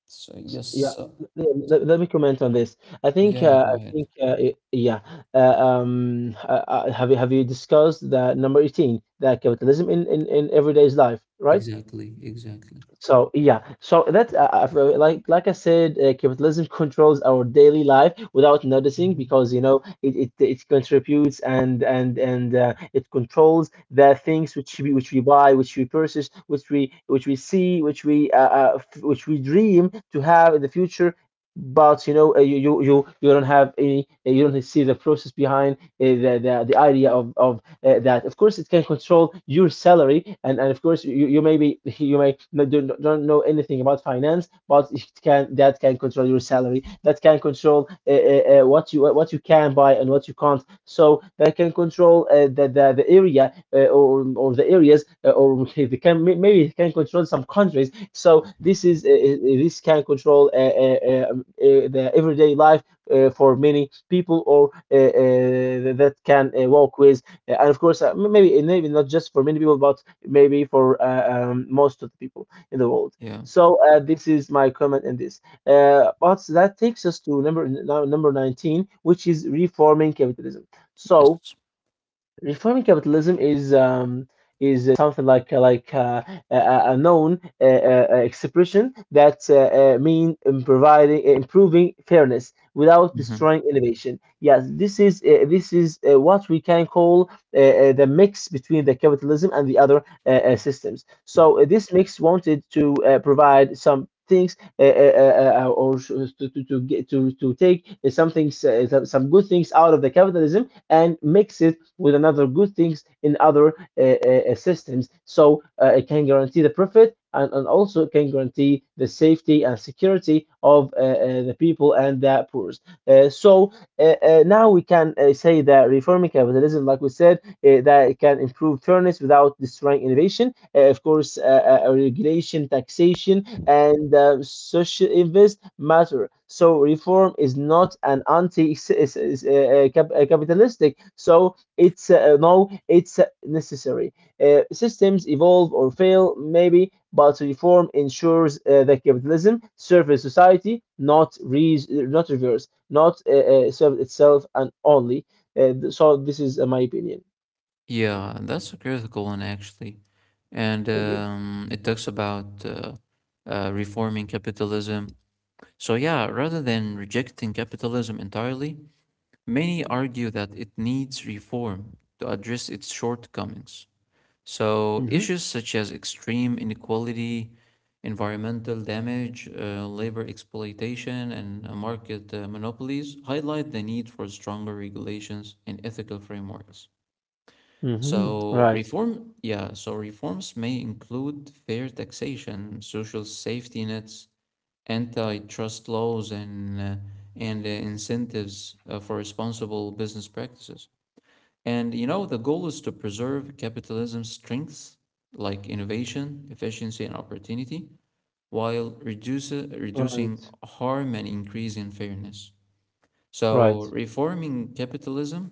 Speaker 2: Yeah,
Speaker 1: yes.
Speaker 2: me comment on this. I think,
Speaker 1: Yeah, go
Speaker 2: I
Speaker 1: ahead.
Speaker 2: think, I- yeah. Uh, have you discussed the number 18, the capitalism in everyday's life, right?
Speaker 1: Exactly. Exactly.
Speaker 2: So yeah, so that's like I said, capitalism controls our daily life without noticing
Speaker 1: Mhm.
Speaker 2: because you know it contributes and it controls the things which we buy, which we purchase, which we see, which we which we dream to have in the future. But you know you don't have any you don't see the process behind the idea of of that of course it can control your salary and of course you may be you may not, don't know anything about finance but it can that can control your salary that can control what you can buy and what you can't so that can control the area or or the areas or they can maybe it can control some countries so this can control the everyday life for many people or that can walk with and of course, maybe not just for many people, but maybe for most of the people in the world.
Speaker 1: Yeah.
Speaker 2: So this is my comment in this. But that takes us to number 19, which is reforming capitalism. So
Speaker 1: Yes.
Speaker 2: reforming capitalism is something like a known expression that mean in providing improving fairness without
Speaker 1: Hmm.
Speaker 2: destroying innovation. Yes, this is what we can call the mix between the capitalism and the other systems. So this mix wanted to provide some. Things or get, to take some things, some good things out of the capitalism and mix it with another good things in other systems. So it can guarantee the profit and also can guarantee the safety and security of the people and the poor. Uh, so Now we can say that reforming capitalism, like we said, that it can improve fairness without destroying innovation. Of course, regulation, taxation, and social events matter. So reform is not an anti is, cap- capitalistic. So it's no, it's necessary. Systems evolve or fail, maybe, but reform ensures that capitalism serves society, not reverse, not serve itself and only. So this is my opinion.
Speaker 1: Yeah, and that's a critical one, actually. And
Speaker 2: Thank you.
Speaker 1: it talks about reforming capitalism. So, yeah, rather than rejecting capitalism entirely, many argue that it needs reform to address its shortcomings. So,
Speaker 2: Mm-hmm.
Speaker 1: issues such as extreme inequality, environmental damage, labor exploitation, and market monopolies highlight the need for stronger regulations and ethical frameworks.
Speaker 2: Mm-hmm.
Speaker 1: So
Speaker 2: Right.
Speaker 1: reform, yeah, so reforms may include fair taxation, social safety nets, antitrust laws and incentives for responsible business practices. And you know, the goal is to preserve capitalism's strengths like innovation, efficiency, and opportunity, while reducing
Speaker 2: Right.
Speaker 1: harm and increasing fairness.
Speaker 2: Right.
Speaker 1: So, reforming capitalism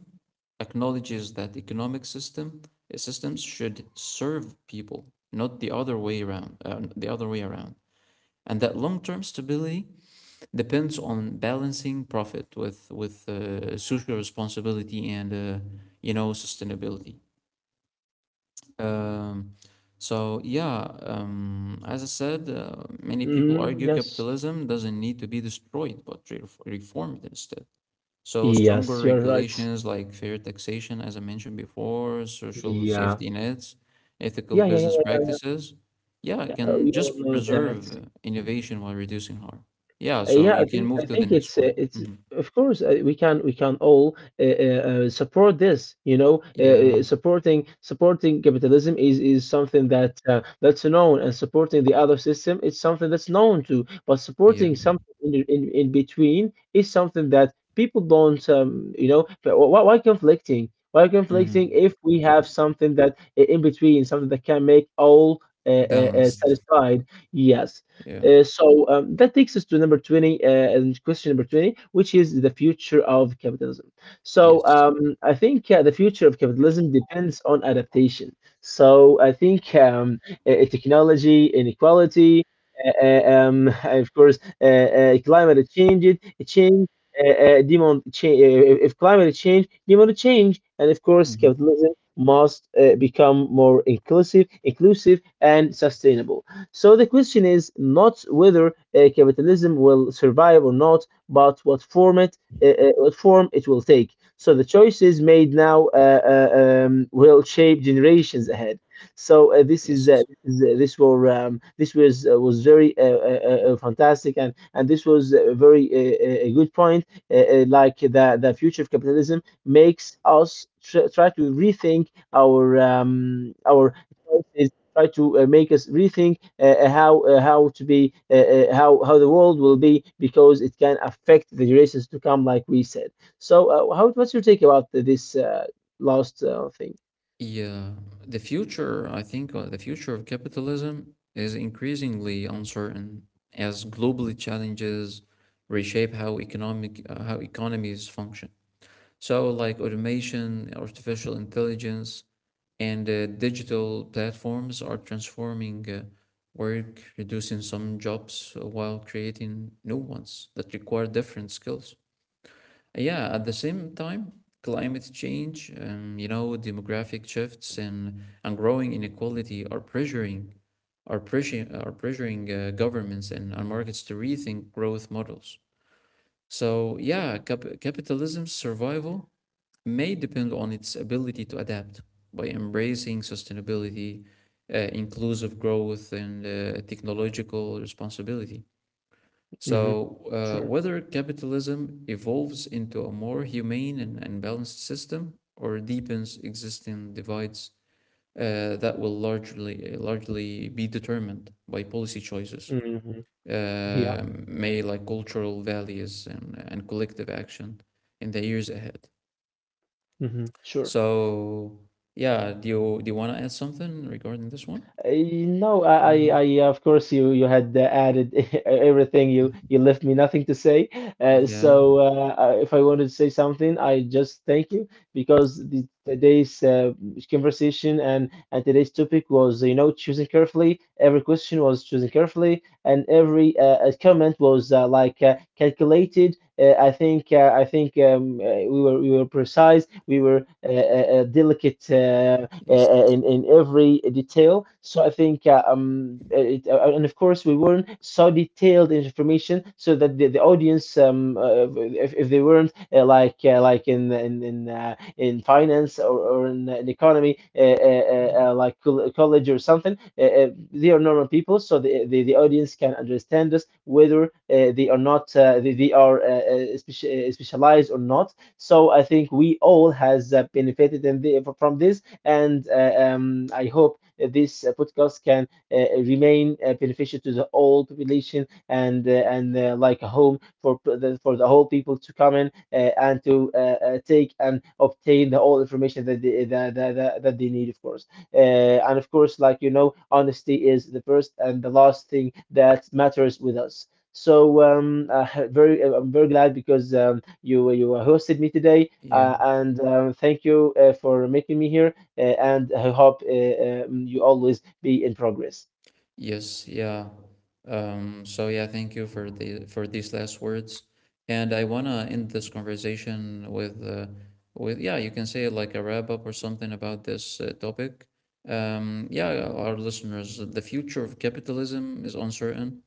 Speaker 1: acknowledges that economic system systems should serve people, not the other way around. The other way around, and that long-term stability depends on balancing profit with social responsibility and sustainability. Um, so yeah, as I said, many people
Speaker 2: Mm,
Speaker 1: argue
Speaker 2: yes.
Speaker 1: capitalism doesn't need to be destroyed but reformed instead. So stronger
Speaker 2: Yes, you're right.
Speaker 1: regulations like fair taxation, as I mentioned before, social
Speaker 2: Yeah.
Speaker 1: safety nets, ethical
Speaker 2: Yeah, yeah,
Speaker 1: business
Speaker 2: yeah.
Speaker 1: practices, yeah,
Speaker 2: Yeah,
Speaker 1: can
Speaker 2: we all
Speaker 1: just
Speaker 2: know that.
Speaker 1: preserve innovation while reducing harm. Yeah,
Speaker 2: Yeah,
Speaker 1: so
Speaker 2: I
Speaker 1: you can
Speaker 2: think I
Speaker 1: move to the
Speaker 2: think
Speaker 1: next one.
Speaker 2: it's
Speaker 1: Hmm.
Speaker 2: of course we can all support this. You know,
Speaker 1: Yeah,
Speaker 2: supporting capitalism is something that that's known, and supporting the other system is something that's known too. But
Speaker 1: yeah.
Speaker 2: supporting something in between is something that people don't you know but why conflicting? Why conflicting if
Speaker 1: Hmm.
Speaker 2: we have something in between, something that can make all
Speaker 1: Balanced.
Speaker 2: satisfied? Yes.
Speaker 1: Yeah.
Speaker 2: That takes us to number 20, and question number 20, which is the future of capitalism. So
Speaker 1: Yes.
Speaker 2: I think the future of capitalism depends on adaptation. So I think technology, inequality, of course, climate change, change, demand change. If climate change, demand change, and of course,
Speaker 1: Hmm.
Speaker 2: capitalism must become more inclusive, inclusive, and sustainable. So the question is not whether capitalism will survive or not, but what form it will take. So the choices made now will shape generations ahead. So this is
Speaker 1: Yes.
Speaker 2: th- this were this was very fantastic and this was a very a good point. Like the future of capitalism makes us try to rethink our choices try to make us rethink how to be how the world will be because it can affect the generations to come, like we said. So, how what's your take about this last thing?
Speaker 1: Yeah, the future, I think, the future of capitalism is increasingly uncertain as global challenges reshape how economies function. So, like automation, artificial intelligence, and digital platforms are transforming work, reducing some jobs while creating new ones that require different skills. Yeah, at the same time, climate change, demographic shifts and growing inequality are pressuring governments and markets to rethink growth models. So yeah, capitalism's survival may depend on its ability to adapt by embracing sustainability, inclusive growth, and technological responsibility.
Speaker 2: Hmm.
Speaker 1: So,
Speaker 2: Sure.
Speaker 1: whether capitalism evolves into a more humane and balanced system or deepens existing divides, that will largely be determined by policy choices,
Speaker 2: Hmm.
Speaker 1: uh,
Speaker 2: Yeah.
Speaker 1: may like cultural values and collective action in the years ahead.
Speaker 2: Hmm. Sure.
Speaker 1: So, yeah, do you want to add something regarding this one?
Speaker 2: Uh, No,
Speaker 1: Mhm.
Speaker 2: I, of course, you had added everything. You left me nothing to say. Uh,
Speaker 1: Yeah.
Speaker 2: so, uh, uh, if I wanted to say something, I just thank you because today's conversation and today's topic was, you know, choosing carefully. Every question was choosing carefully, and every comment was like calculated. I think we were precise. We were delicate.
Speaker 1: Yes.
Speaker 2: In every detail. So I think and of course we weren't so detailed in information so that the audience if they weren't like in finance or in economy
Speaker 1: Mhm.
Speaker 2: like college or something they are normal people so the audience can understand us whether they are not they are specialized or not so I think we all has benefited in from this and I hope this podcast can remain beneficial to the whole population and like a home for the whole people to come in and to take and obtain the all information that that they need, of course. Uh, and of course, like you know, honesty is the first and the last thing that matters with us. So very, I'm very glad because you you hosted me today,
Speaker 1: Yeah.
Speaker 2: and thank you for making me here and I hope you always be in progress.
Speaker 1: Yes, yeah. So yeah, thank you for the for these last words. And I wanna end this conversation with yeah, you can say like a wrap up or something about this topic. Yeah, our listeners, the future of capitalism is uncertain.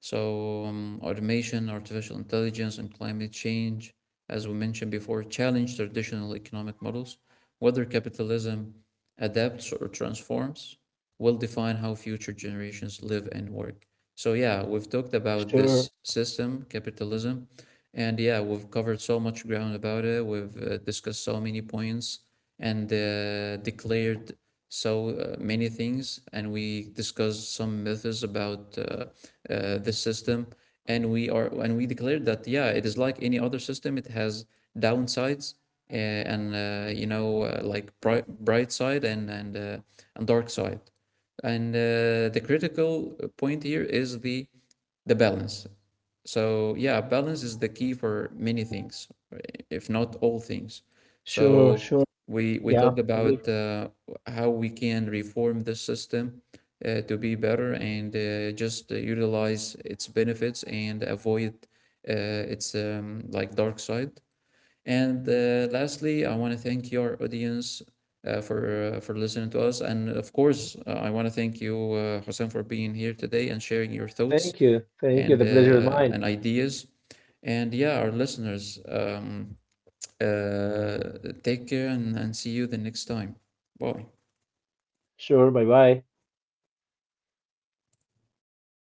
Speaker 1: So automation, artificial intelligence, and climate change, as we mentioned before, challenge traditional economic models. Whether capitalism adapts or transforms, will define how future generations live and work. So, yeah, we've talked about this
Speaker 2: Sure,
Speaker 1: system, capitalism, and yeah, we've covered so much ground about it. We've discussed so many points and declared so many things, and we discussed some myths about this system. And we declared that yeah, it is like any other system. It has downsides and like bright side and and dark side. And the critical point here is the balance. So yeah, balance is the key for many things, if not all things.
Speaker 2: sure,
Speaker 1: So
Speaker 2: sure.
Speaker 1: we
Speaker 2: Yeah,
Speaker 1: talked
Speaker 2: agree.
Speaker 1: about how we can reform the system to be better and just utilize its benefits and avoid its like dark side. And lastly, I want to thank your audience for listening to us, and of course, I want to thank you, Hussein, for being here today and sharing your thoughts
Speaker 2: Thank you. Thank you. The pleasure is mine.
Speaker 1: and ideas. And yeah, our listeners, take care and see you the next time. Bye.
Speaker 2: Sure. Bye bye.